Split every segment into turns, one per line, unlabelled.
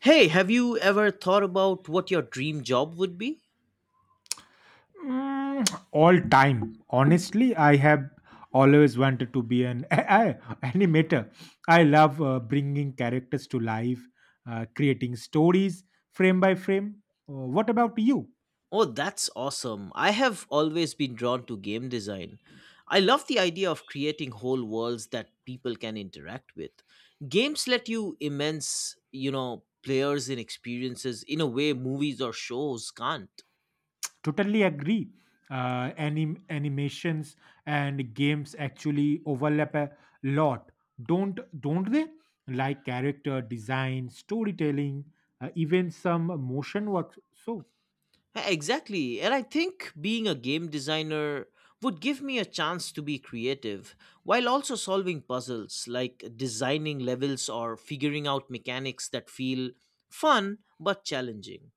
Hey, have you ever thought about what your dream job would be?
Mm, all time honestly, I have always wanted to be an a- animator. I love bringing characters to life, creating stories frame by frame. What about you?
Oh, that's awesome. I have always been drawn to game design. I love the idea of creating whole worlds that people can interact with. Games let you immense, you know, players in experiences in a way movies or shows can't.
Totally agree. Animations and games actually overlap a lot, don't don't they? Like character design, storytelling, even some motion work, so.
Exactly. And I think being a game designer would give me a chance to be creative while also solving puzzles like designing levels or figuring out mechanics that feel fun but challenging.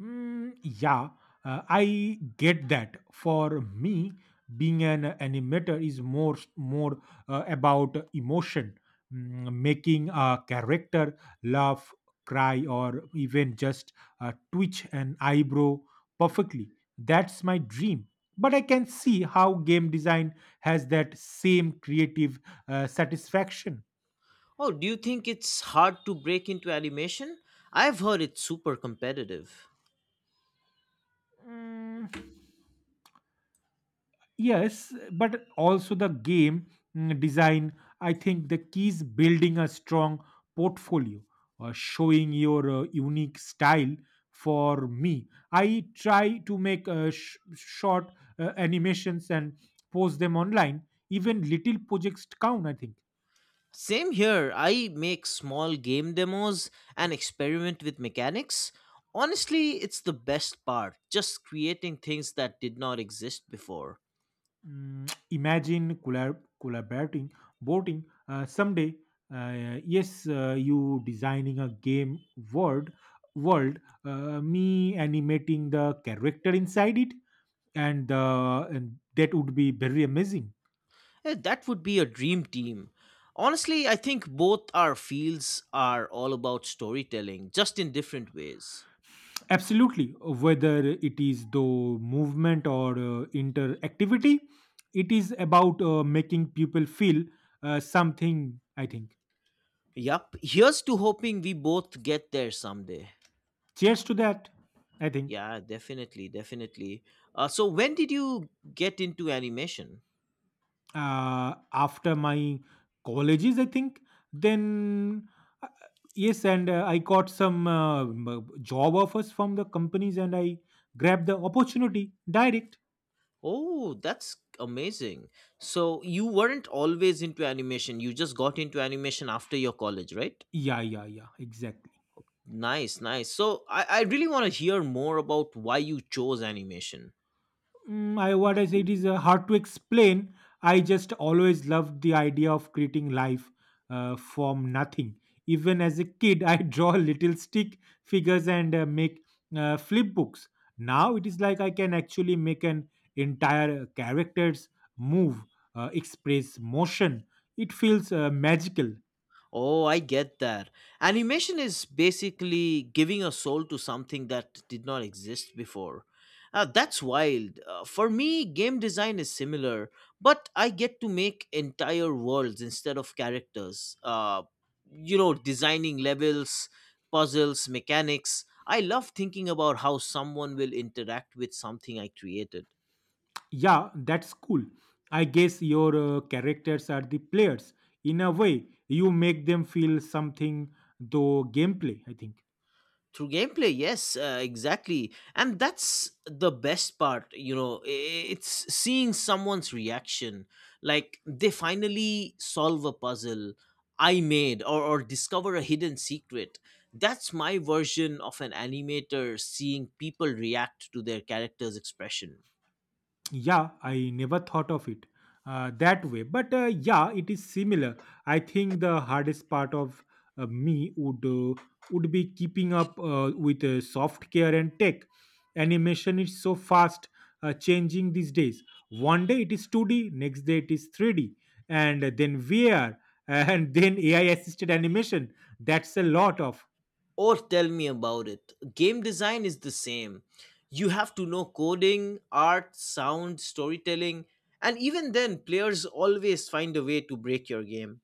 Mm, yeah, I get that. For me, being an animator is more about emotion, making a character laugh, cry, or even just twitch an eyebrow perfectly. That's my dream. But I can see how game design has that same creative satisfaction.
Oh, do you think it's hard to break into animation? I've heard it's super competitive.
Mm, yes, but also the game design. I think the key is building a strong portfolio, showing your unique style. For me, I try to make short animations and post them online. Even little projects count, I think.
Same here. I make small game demos and experiment with mechanics. Honestly, it's the best part, just creating things that did not exist before.
Mm, imagine collaborating, voting someday. Yes, you designing a game world, world. Me animating the character inside it, and that would be very amazing.
Yeah, that would be a dream team. Honestly, I think both our fields are all about storytelling, just in different ways.
Absolutely, whether it is the movement or interactivity, it is about making people feel something, I think.
Yup, here's to hoping we both get there someday.
Cheers to that, I think.
Yeah, definitely, definitely. So, when did you get into animation?
uh, After my colleges, I think, then, uh, yes, and I got some job offers from the companies, and I grabbed the opportunity direct.
Oh, that's amazing. So, you weren't always into animation, you just got into animation after your college, right?
Yeah, yeah, yeah, exactly.
Nice, nice. So, I really want to hear more about why you chose animation.
Mm, I what I say, it is hard to explain. I just always loved the idea of creating life from nothing. Even as a kid, I draw little stick figures and make flip books. Now it is like I can actually make an entire characters move, express motion. It feels magical.
Oh, I get that. Animation is basically giving a soul to something that did not exist before. That's wild. For me, game design is similar, but I get to make entire worlds instead of characters. You know, designing levels, puzzles, mechanics. I love thinking about how someone will interact with something I created.
Yeah, that's cool. I guess your characters are the players. In a way, you make them feel something, though gameplay, I think.
Through gameplay, yes, exactly. And that's the best part, you know, it's seeing someone's reaction like they finally solve a puzzle I made, or discover a hidden secret. That's my version of an animator seeing people react to their character's expression.
Yeah, I never thought of it that way. But yeah, it is similar. I think the hardest part of me would be keeping up with software and tech. Animation is so fast changing these days. One day it is 2D, next day it is 3D, and then VR, and then AI assisted animation. That's a lot of.
Or tell me about it. Game design is the same. You have to know coding, art, sound, storytelling, and even then, players always find a way to break your game.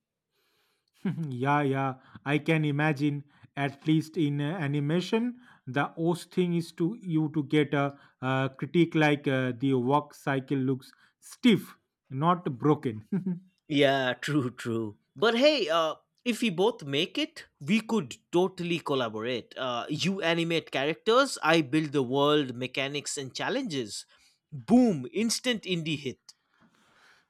Yeah, yeah, I can imagine. At least in animation, the worst thing is to you to get a, uh, critique like the work cycle looks stiff, not broken.
Yeah, true, true. But hey, if we both make it, we could totally collaborate. You animate characters, I build the world, mechanics, and challenges. Boom! Instant indie hit.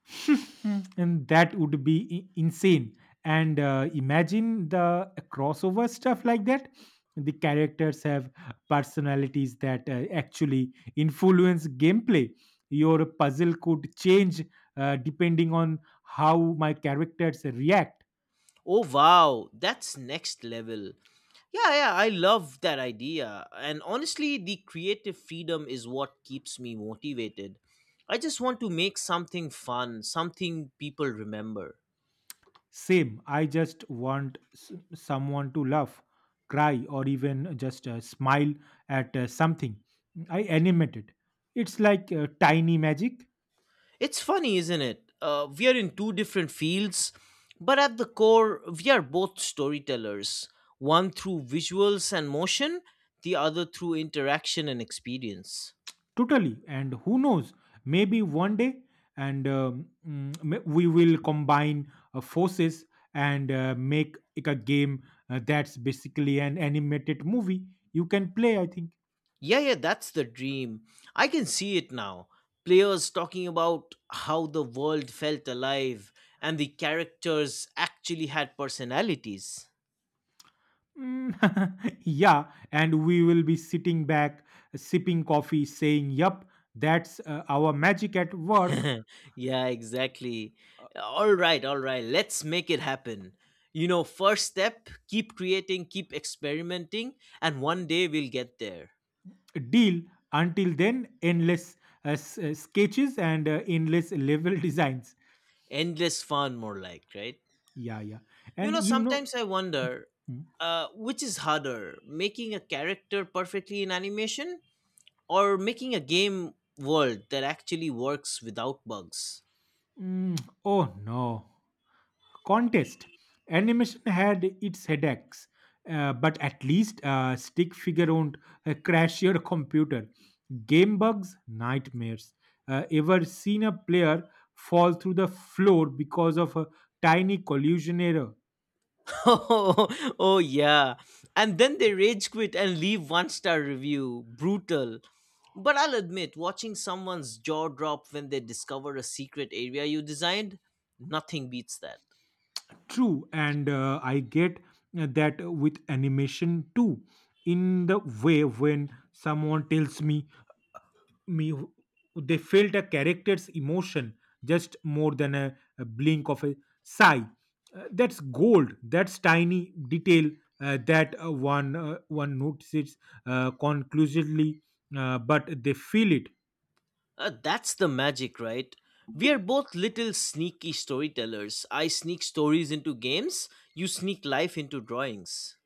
And that would be insane, and imagine the crossover stuff like that. The characters have personalities that actually influence gameplay. Your puzzle could change depending on how my characters react.
Oh wow, that's next level. Yeah, yeah, I love that idea. And honestly, the creative freedom is what keeps me motivated. I just want to make something fun, something people remember.
Same, I just want someone to laugh, cry, or even just smile at something I animated. It's like tiny magic.
It's funny, isn't it? We are in two different fields, but at the core, we are both storytellers, one through visuals and motion, the other through interaction and experience.
Totally. And who knows, maybe one day, we will combine forces and make it a game that's basically an animated movie you can play, I think.
Yeah, yeah, that's the dream. I can see it now. Players talking about how the world felt alive and the characters actually had personalities.
Mm, yeah. And we will be sitting back, sipping coffee, saying, "Yup, that's our magic at work."
Yeah, exactly. All right, let's make it happen. You know, first step, keep creating, keep experimenting, and one day we'll get there.
Deal. Until then, endless sketches and endless level designs.
Endless fun, more like, right?
Yeah, yeah.
You
And
know,
you know,
sometimes I wonder
hmm?
which is harder, making a character perfectly in animation or making a game world that actually works without bugs.
Mm, oh no. Contest. Animation had its headaches, but at least stick figure won't crash your computer. Game bugs, nightmares. Ever seen a player fall through the floor because of a tiny collision error?
Oh, oh yeah. And then they rage quit and leave one star review. Brutal. But I'll admit, watching someone's jaw drop when they discover a secret area you designed, nothing beats that.
True, and I get that with animation too. In the way when someone tells me they felt a character's emotion just more than a blink of a sigh. That's gold, that's tiny detail that one notices conclusively, but they feel it.
That's the magic, right? We are both little sneaky storytellers. I sneak stories into games, you sneak life into drawings.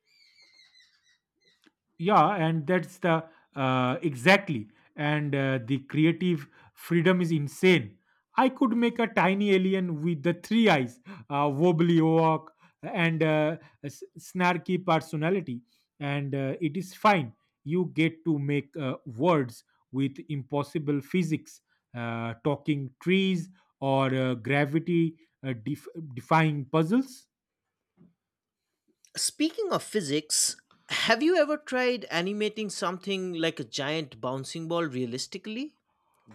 Yeah, and that's the exactly, and the creative freedom is insane. I could make a tiny alien with the three eyes, wobbly walk, and snarky personality, and it is fine. You get to make words with impossible physics, talking trees or gravity uh, def- defying puzzles.
Speaking of physics, have you ever tried animating something like a giant bouncing ball realistically?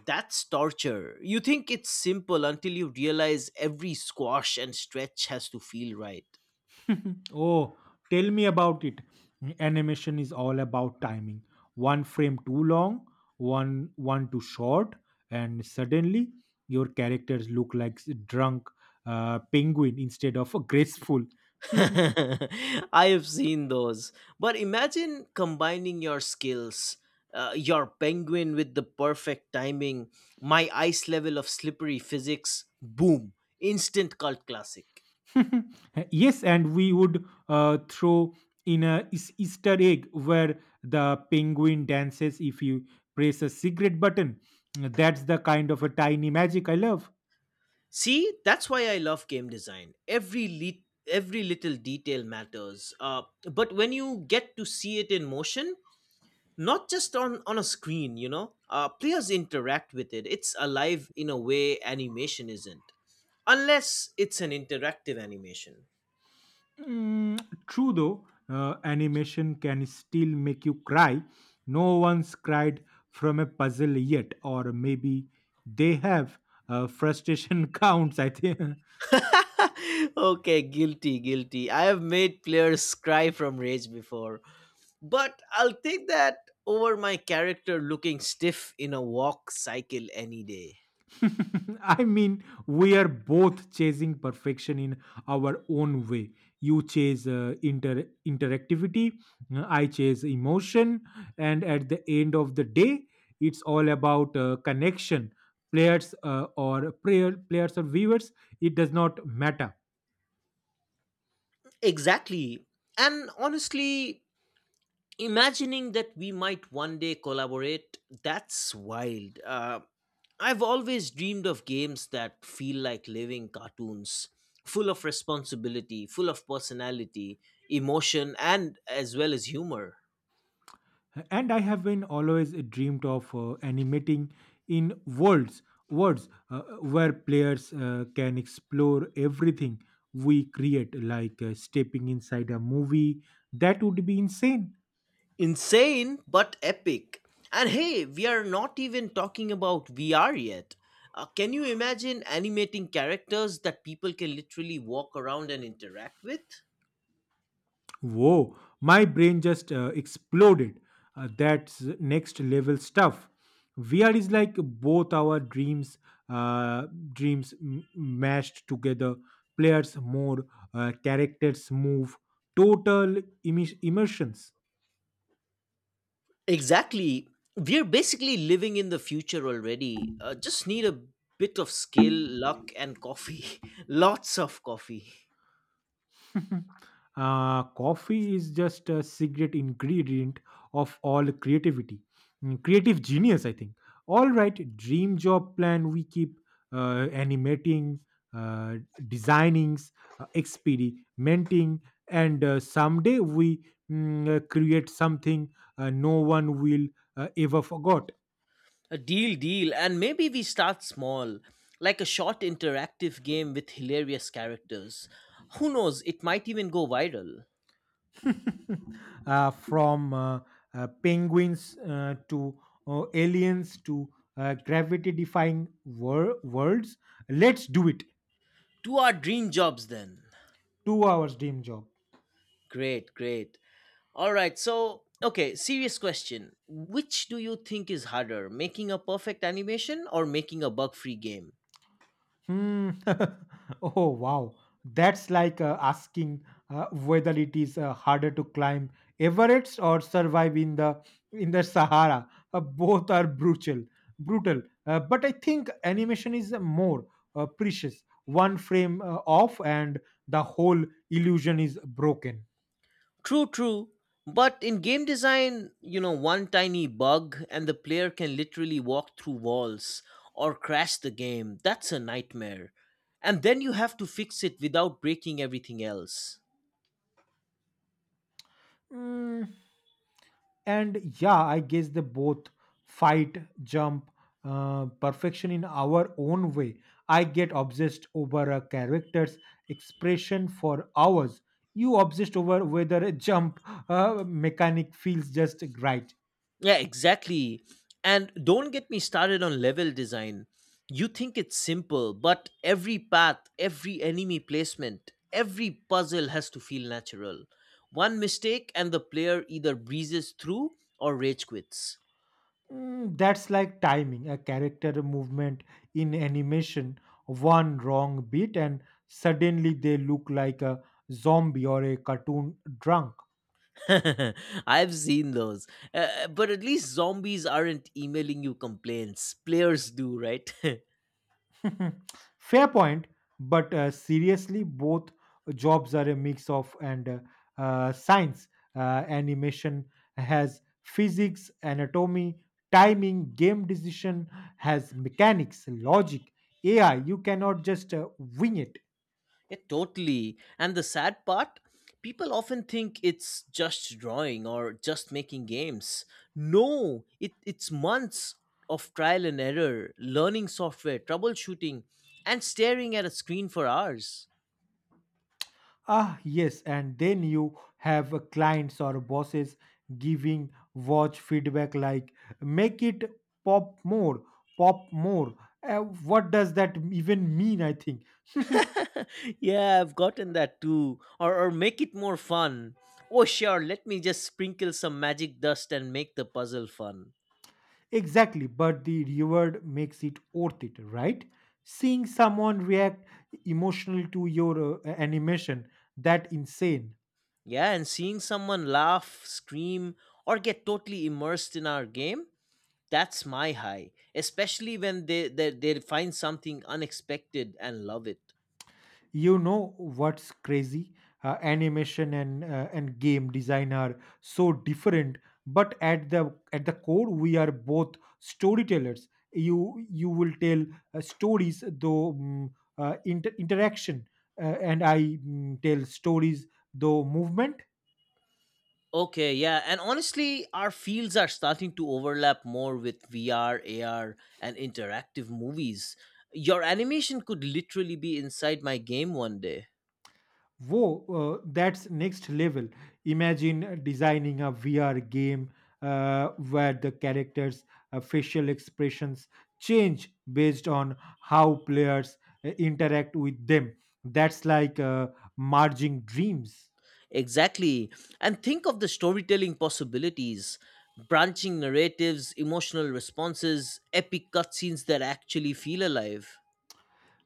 That's torture. You think it's simple until you realize every squash and stretch has to feel right.
Oh, tell me about it. Animation is all about timing. One frame too long, one too short, and suddenly your characters look like drunk penguin instead of a graceful.
I have seen those. But imagine combining your skills. Your penguin with the perfect timing, my ice level of slippery physics, boom, instant cult classic.
Yes, and we would throw in a Easter egg where the penguin dances if you press a cigarette button. That's the kind of a tiny magic I love.
See, that's why I love game design. Every little detail matters. But when you get to see it in motion, not just on a screen, you know, players interact with it. It's alive in a way animation isn't, unless it's an interactive animation.
Mm, true though, animation can still make you cry. No one's cried from a puzzle yet, or maybe they have. Frustration counts, I think.
Okay, guilty, guilty. I have made players cry from rage before, but I'll take that over my character looking stiff in a walk cycle any day.
I mean, we are both chasing perfection in our own way. You chase interactivity, I chase emotion, and at the end of the day, it's all about connection. Players or players or viewers, it does not matter.
Exactly. And honestly, imagining that we might one day collaborate, that's wild. I've always dreamed of games that feel like living cartoons, full of responsibility, full of personality, emotion, and as well as humor.
And I have been always dreamed of animating in worlds worlds where players can explore everything we create, like stepping inside a movie. That would be insane.
Insane, but epic. And hey, we are not even talking about VR yet. Can you imagine animating characters that people can literally walk around and interact with?
Whoa, my brain just exploded. That's next level stuff. VR is like both our dreams, uh, mashed together. Players more, characters move, total immersions.
Exactly. We're basically living in the future already. Just need a bit of skill, luck, and coffee. Lots of coffee.
Coffee is just a secret ingredient of all creativity, creative genius, I think. All right, dream job plan, we keep animating, uh, designings, experimenting, and someday we create something no one will ever forgot.
A deal, deal. And maybe we start small, like a short interactive game with hilarious characters. Who knows, it might even go viral.
From penguins to aliens to gravity defying worlds. Let's do it.
To our dream jobs then.
Two hours dream job.
Great, great. All right, so, okay, serious question. Which do you think is harder, making a perfect animation or making a bug free game?
Hmm. Oh, wow. That's like asking whether it is harder to climb Everest or survive in the Sahara. Both are brutal. But I think animation is more precious. One frame off, and the whole illusion is broken.
True, true. But in game design, you know, one tiny bug and the player can literally walk through walls or crash the game. That's a nightmare. And then you have to fix it without breaking everything else.
Mm, and yeah, I guess they both fight jump perfection in our own way. I get obsessed over a character's expression for hours. You obsessed over whether a jump mechanic feels just right.
Yeah, exactly. And don't get me started on level design. You think it's simple, but every path, every enemy placement, every puzzle has to feel natural. One mistake, and the player either breezes through or rage quits.
Mm, that's like timing a character movement in animation. One wrong beat and suddenly they look like a zombie or a cartoon drunk.
I've seen those. But at least zombies aren't emailing you complaints. Players do, right? Yeah,
Hmm, fair point, but seriously, both jobs are a mix of and science. Animation has physics, anatomy, timing. Game decision has mechanics, logic, AI. You cannot just wing it.
totally. And the sad part, people often think it's just drawing or just making games. No, it's months of trial and error, learning software, troubleshooting, and staring at a screen for hours.
Ah, yes, and then you have clients or bosses giving watch feedback like, "Make it pop more, pop more." What does that even mean, I think?
Yeah, I've gotten that too. Or make it more fun. Oh, sure, let me just sprinkle some magic dust and make the puzzle fun.
Exactly, but the reward makes it worth it, right? Seeing someone react emotional to your animation, that insane.
Yeah, and seeing someone laugh, scream, or get totally immersed in our game, that's my high. Especially when they find something unexpected and love it.
You know what's crazy? Animation and and game design are so different, but at the core, we are both storytellers. You will tell stories, though interaction, and I tell stories, though movement.
Okay, yeah. And honestly, our fields are starting to overlap more with VR, AR, and interactive movies. Your animation could literally be inside my game one day.
Whoa, that's next level. Imagine designing a VR game where the characters' facial expressions change based on how players interact with them. That's like merging dreams.
Exactly. And think of the storytelling possibilities, branching narratives, emotional responses, epic cutscenes that actually feel alive.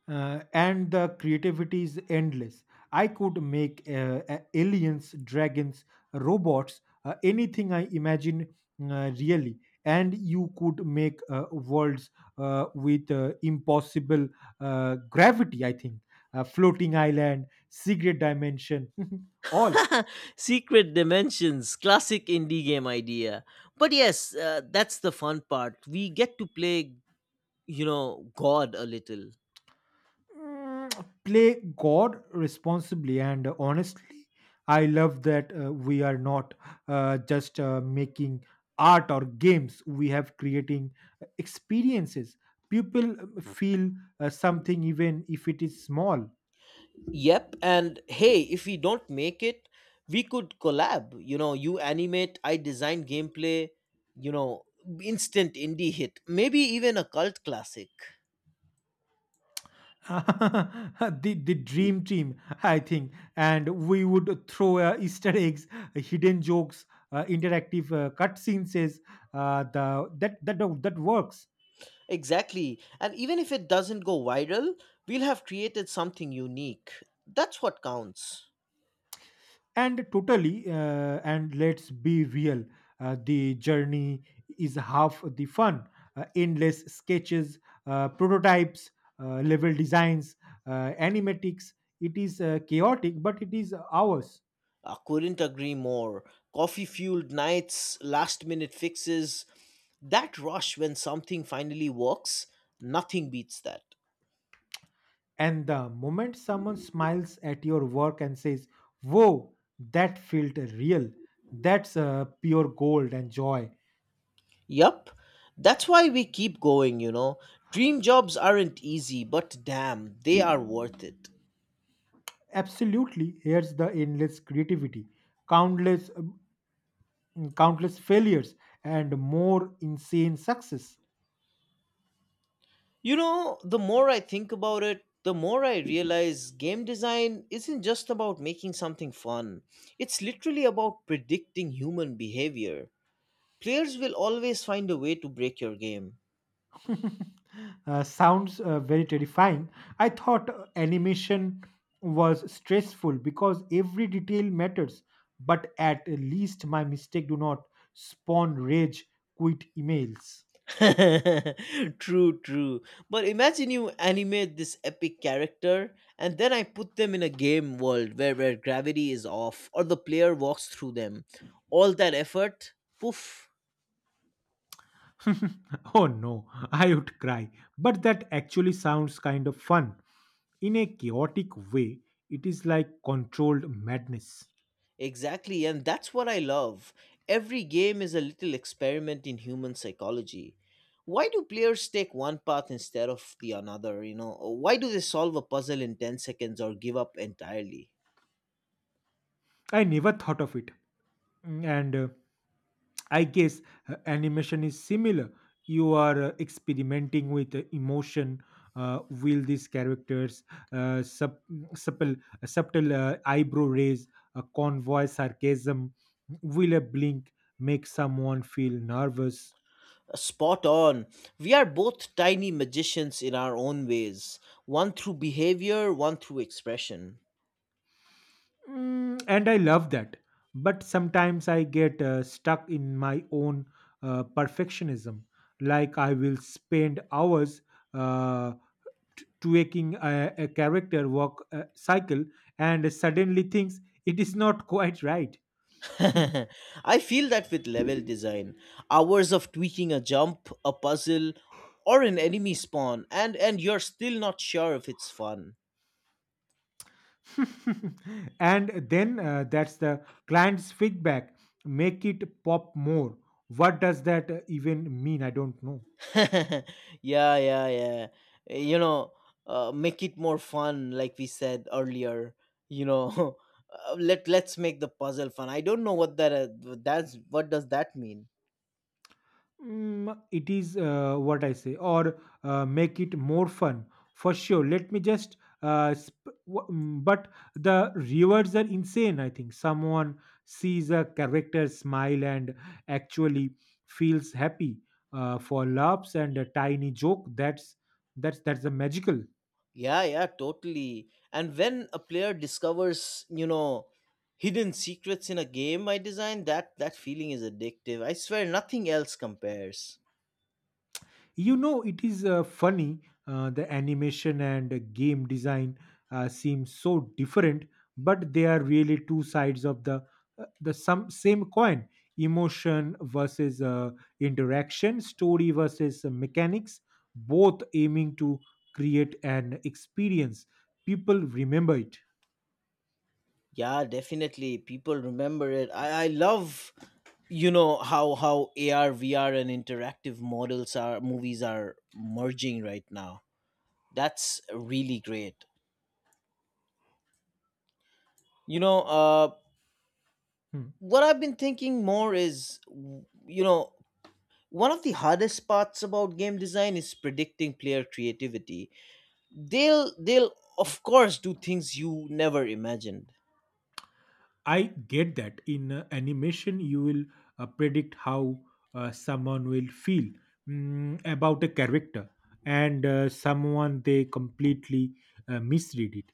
And the creativity is endless. I could make aliens, dragons, robots, anything I imagine really. And you could make worlds with impossible gravity, I think. Floating island, secret dimension, all.
Secret Dimensions, classic indie game idea. But yes, that's the fun part. We get to play, you know, God a little.
Mm, play God responsibly. And honestly, I love that we are not just making art or games, we have creating experiences. People feel something even if it is small.
Yep, and hey, if we don't make it, we could collab. You know, you animate, I design gameplay, you know, instant indie hit, maybe even a cult classic.
The dream team, I think, and we would throw Easter eggs, hidden jokes, interactive cutscenes. Is the that that that works.
Exactly. And even if it doesn't go viral, we'll have created something unique. That's what counts.
And totally, and let's be real, the journey is half the fun. Endless sketches, prototypes, level designs, animatics. It is chaotic, but it is ours.
I couldn't agree more. Coffee fueled nights, last minute fixes, that rush when something finally works, nothing beats that.
And the moment someone smiles at your work and says, "Whoa, that felt real," that's pure gold and joy.
Yup, that's why we keep going, you know. Dream jobs aren't easy, but damn, they are worth it.
Absolutely, here's the endless creativity, countless countless failures, and more insane success.
You know, the more I think about it, the more I realize game design isn't just about making something fun, it's literally about predicting human behavior. Players will always find a way to break your game.
Sounds very terrifying. I thought animation was stressful because every detail matters, but at least my mistake do not spawn rage quit emails.
True, true. But imagine you animate this epic character and then I put them in a game world where gravity is off or the player walks through them. All that effort, poof.
Oh no, I would cry. But that actually sounds kind of fun. In a chaotic way, it is like controlled madness.
Exactly, and that's what I love. Every game is a little experiment in human psychology. Why do players take one path instead of the another? You know, why do they solve a puzzle in 10 seconds or give up entirely?
I never thought of it. And I guess animation is similar. You are experimenting with emotion. Will these characters uh, sub, supple, a subtle eyebrow raise, a convoy sarcasm? Will a blink make someone feel nervous?
Spot on. We are both tiny magicians in our own ways, one through behavior, one through expression.
Mm, and I love that. But sometimes I get stuck in my own perfectionism. Like I will spend hours uh, tweaking a character walk cycle and suddenly thinks it is not quite right.
I feel that with level design, hours of tweaking a jump, a puzzle, or an enemy spawn, and you're still not sure if it's fun.
And then that's the client's feedback. Make it pop more. What does that even mean? I don't know.
Yeah, yeah, yeah. You know, make it more fun, like we said earlier. You know, let let's make the puzzle fun. I don't know what that that's what does that mean.
Mm, it is what I say, or make it more fun for sure. Let me just, but the rewards are insane. I think someone sees a character smile and actually feels happy for laughs and a tiny joke. That's a magical.
Yeah, yeah, totally. And when a player discovers, you know, hidden secrets in a game I design, that feeling is addictive. I swear nothing else compares.
You know, it is funny. The animation and game design seem so different, but they are really two sides of the some same coin. Emotion versus interaction, story versus mechanics, both aiming to create an experience people remember it.
Yeah, definitely. People remember it. I love, you know, how AR, VR and interactive models are movies are merging right now. That's really great. You know,
Hmm.
what I've been thinking more is, you know, one of the hardest parts about game design is predicting player creativity. They'll of course do things you never imagined.
I get that in animation, you will predict how someone will feel about a character, and someone they completely misread it.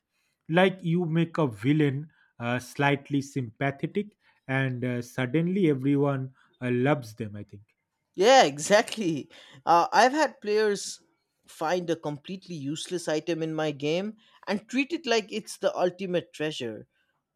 Like you make a villain slightly sympathetic, and suddenly everyone loves them. I
Yeah, exactly. I've had players find a completely useless item in my game and treat it like it's the ultimate treasure.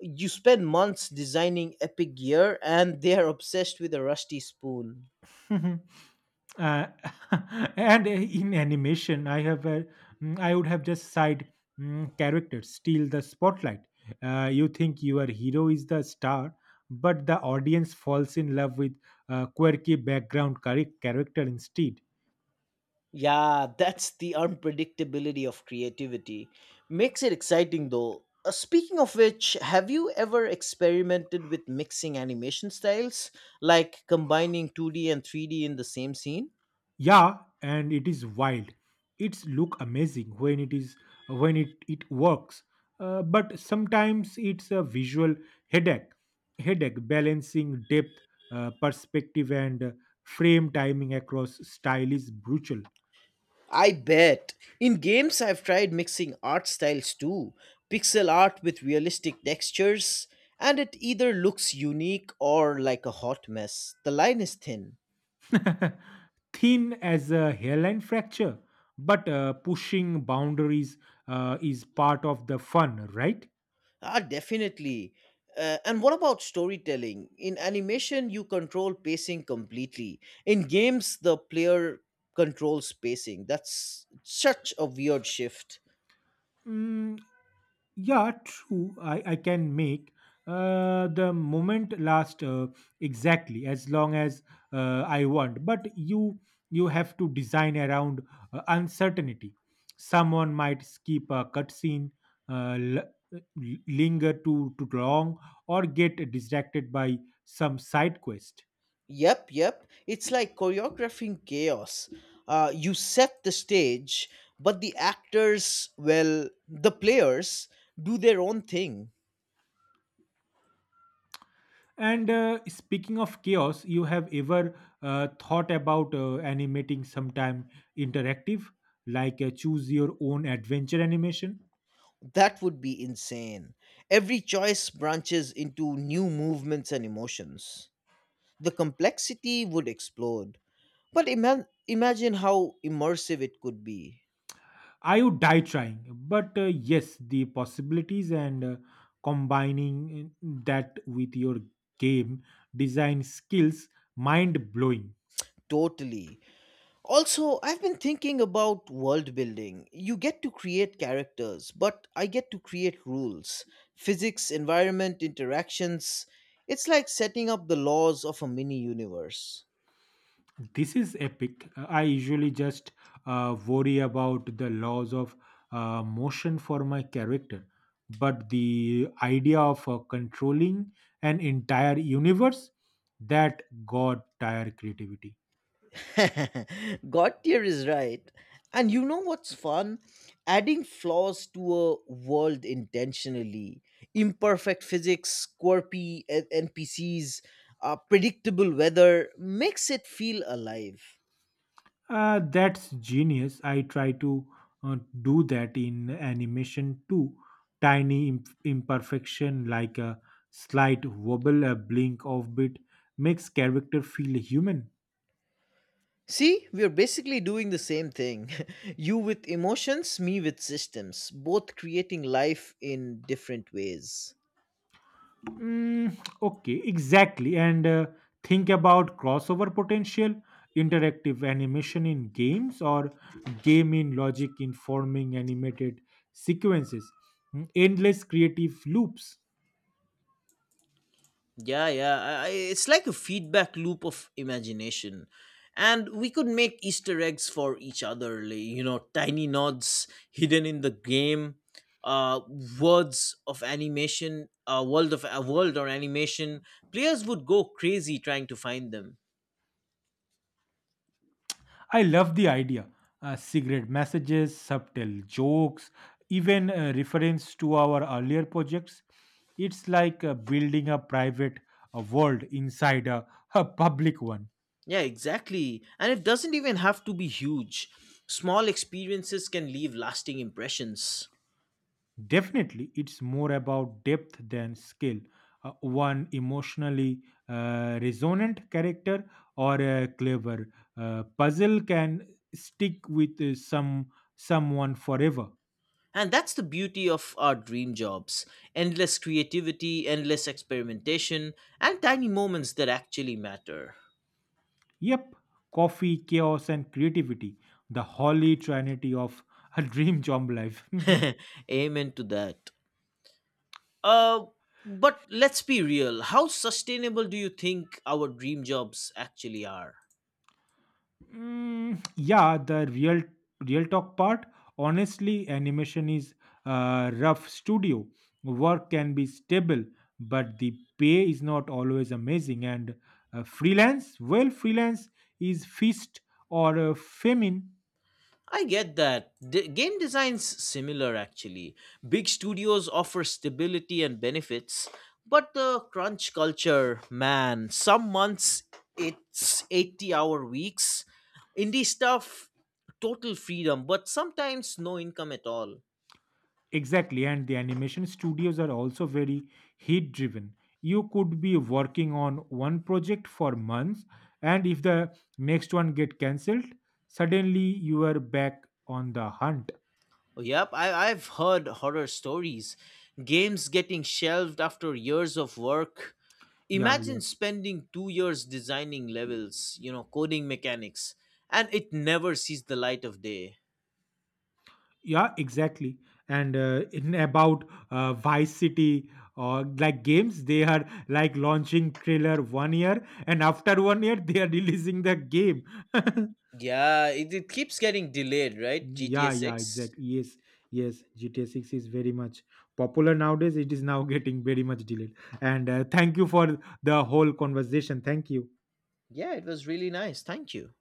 You spend months designing epic gear and they are obsessed with a rusty spoon.
think. uh, and in animation I have I would have just side characters steal the spotlight. You think your hero is the star, but the audience falls in love with quirky background character instead.
Yeah, that's the unpredictability of creativity. Makes it exciting though. Speaking of which, have you ever experimented with mixing animation styles, like combining 2D and 3D in the same scene?
Yeah, and it is wild. It's look amazing when it works. But sometimes it's a visual headache headache balancing depth, perspective and frame timing across style is brutal.
I bet. In games, I've tried mixing art styles too, pixel art with realistic textures, and it either looks unique or like a hot mess. The line is thin.
Thin as a hairline fracture, but pushing boundaries is part of the fun, right?
Ah, definitely. And what about storytelling? In animation, you control pacing completely. In games, the player controls pacing. That's such a weird shift.
Mm, yeah, true. I can make the moment last exactly as long as I want. But you have to design around uncertainty. Someone might skip a cutscene, uh, l- linger too long, or get distracted by some side quest.
Yep, yep. It's like choreographing chaos. You set the stage, but the actors, well, the players do their own thing.
And speaking of chaos, you have ever thought about animating sometime interactive, like a choose your own adventure animation?
That would be insane. Every choice branches into new movements and emotions. The complexity would explode. But imagine how immersive it could be.
I would die trying, but yes, the possibilities and combining that with your game design skills, mind blowing.
Totally. Also, I've been thinking about world building. You get to create characters, but I get to create rules, physics, environment, interactions. It's like setting up the laws of a mini universe.
This is epic. I usually just worry about the laws of motion for my character, but the idea of controlling an entire universe, that god tire creativity.
God tier is right. And you know what's fun? Adding flaws to a world intentionally. Imperfect physics, quirky NPCs, predictable weather makes it feel alive.
That's genius. I try to uh, do that in animation too. Tiny imperfection like a slight wobble, a blink of bit, makes character feel human.
See, we're basically doing the same thing. You with emotions, me with systems, both creating life in different ways.
Mm, okay, exactly. And think about crossover potential, interactive animation in games, or game in logic informing animated sequences, endless creative loops.
Yeah, yeah. It's like a feedback loop of imagination. And we could make Easter eggs for each other, like, you know, tiny nods hidden in the game, uh, words of animation, a world or animation. Players would go crazy trying to find them.
I love the idea. Cigarette messages, subtle jokes, even reference to our earlier projects. It's like building a private world inside a public one.
Yeah, exactly. And it doesn't even have to be huge. Small experiences can leave lasting impressions.
Definitely, it's more about depth than skill. One emotionally resonant character or a clever puzzle can stick with someone forever.
And that's the beauty of our dream jobs, endless creativity, endless experimentation, and tiny moments that actually matter.
Yep, coffee, chaos, and creativity—the holy trinity of a dream job life.
Amen to that. Uh, but let's be real, how sustainable do you think our dream jobs actually are?
Mm, yeah, the real talk part. Honestly, animation is rough studio. Work can be stable, but the pay is not always amazing. And freelance, well, freelance is feast or famine.
I get that. Game design's similar actually. Big studios offer stability and benefits, but the crunch culture, man, some months it's 80-hour weeks. Indie stuff, total freedom, but sometimes no income at all.
Exactly. And the animation studios are also very heat driven. You could be working on one project for months, and if the next one get cancelled, suddenly you are back on the hunt.
Oh, yep, I've heard horror stories. Games getting shelved after years of work,
Yeah, yeah,
imagine spending 2 years designing levels, you know, coding mechanics, and it never sees the light of day.
yeah, exactly. And in about Vice City or like games, they are like launching trailer one year, and after one year, they are releasing the game.
Yeah, it keeps getting delayed, right? GTA
Yeah, yeah,
6.
exactly. Yes, yes. GTA Six is very much popular nowadays. It is now getting very much delayed. And thank you for the whole conversation. Thank you.
Yeah, it was really nice, thank you.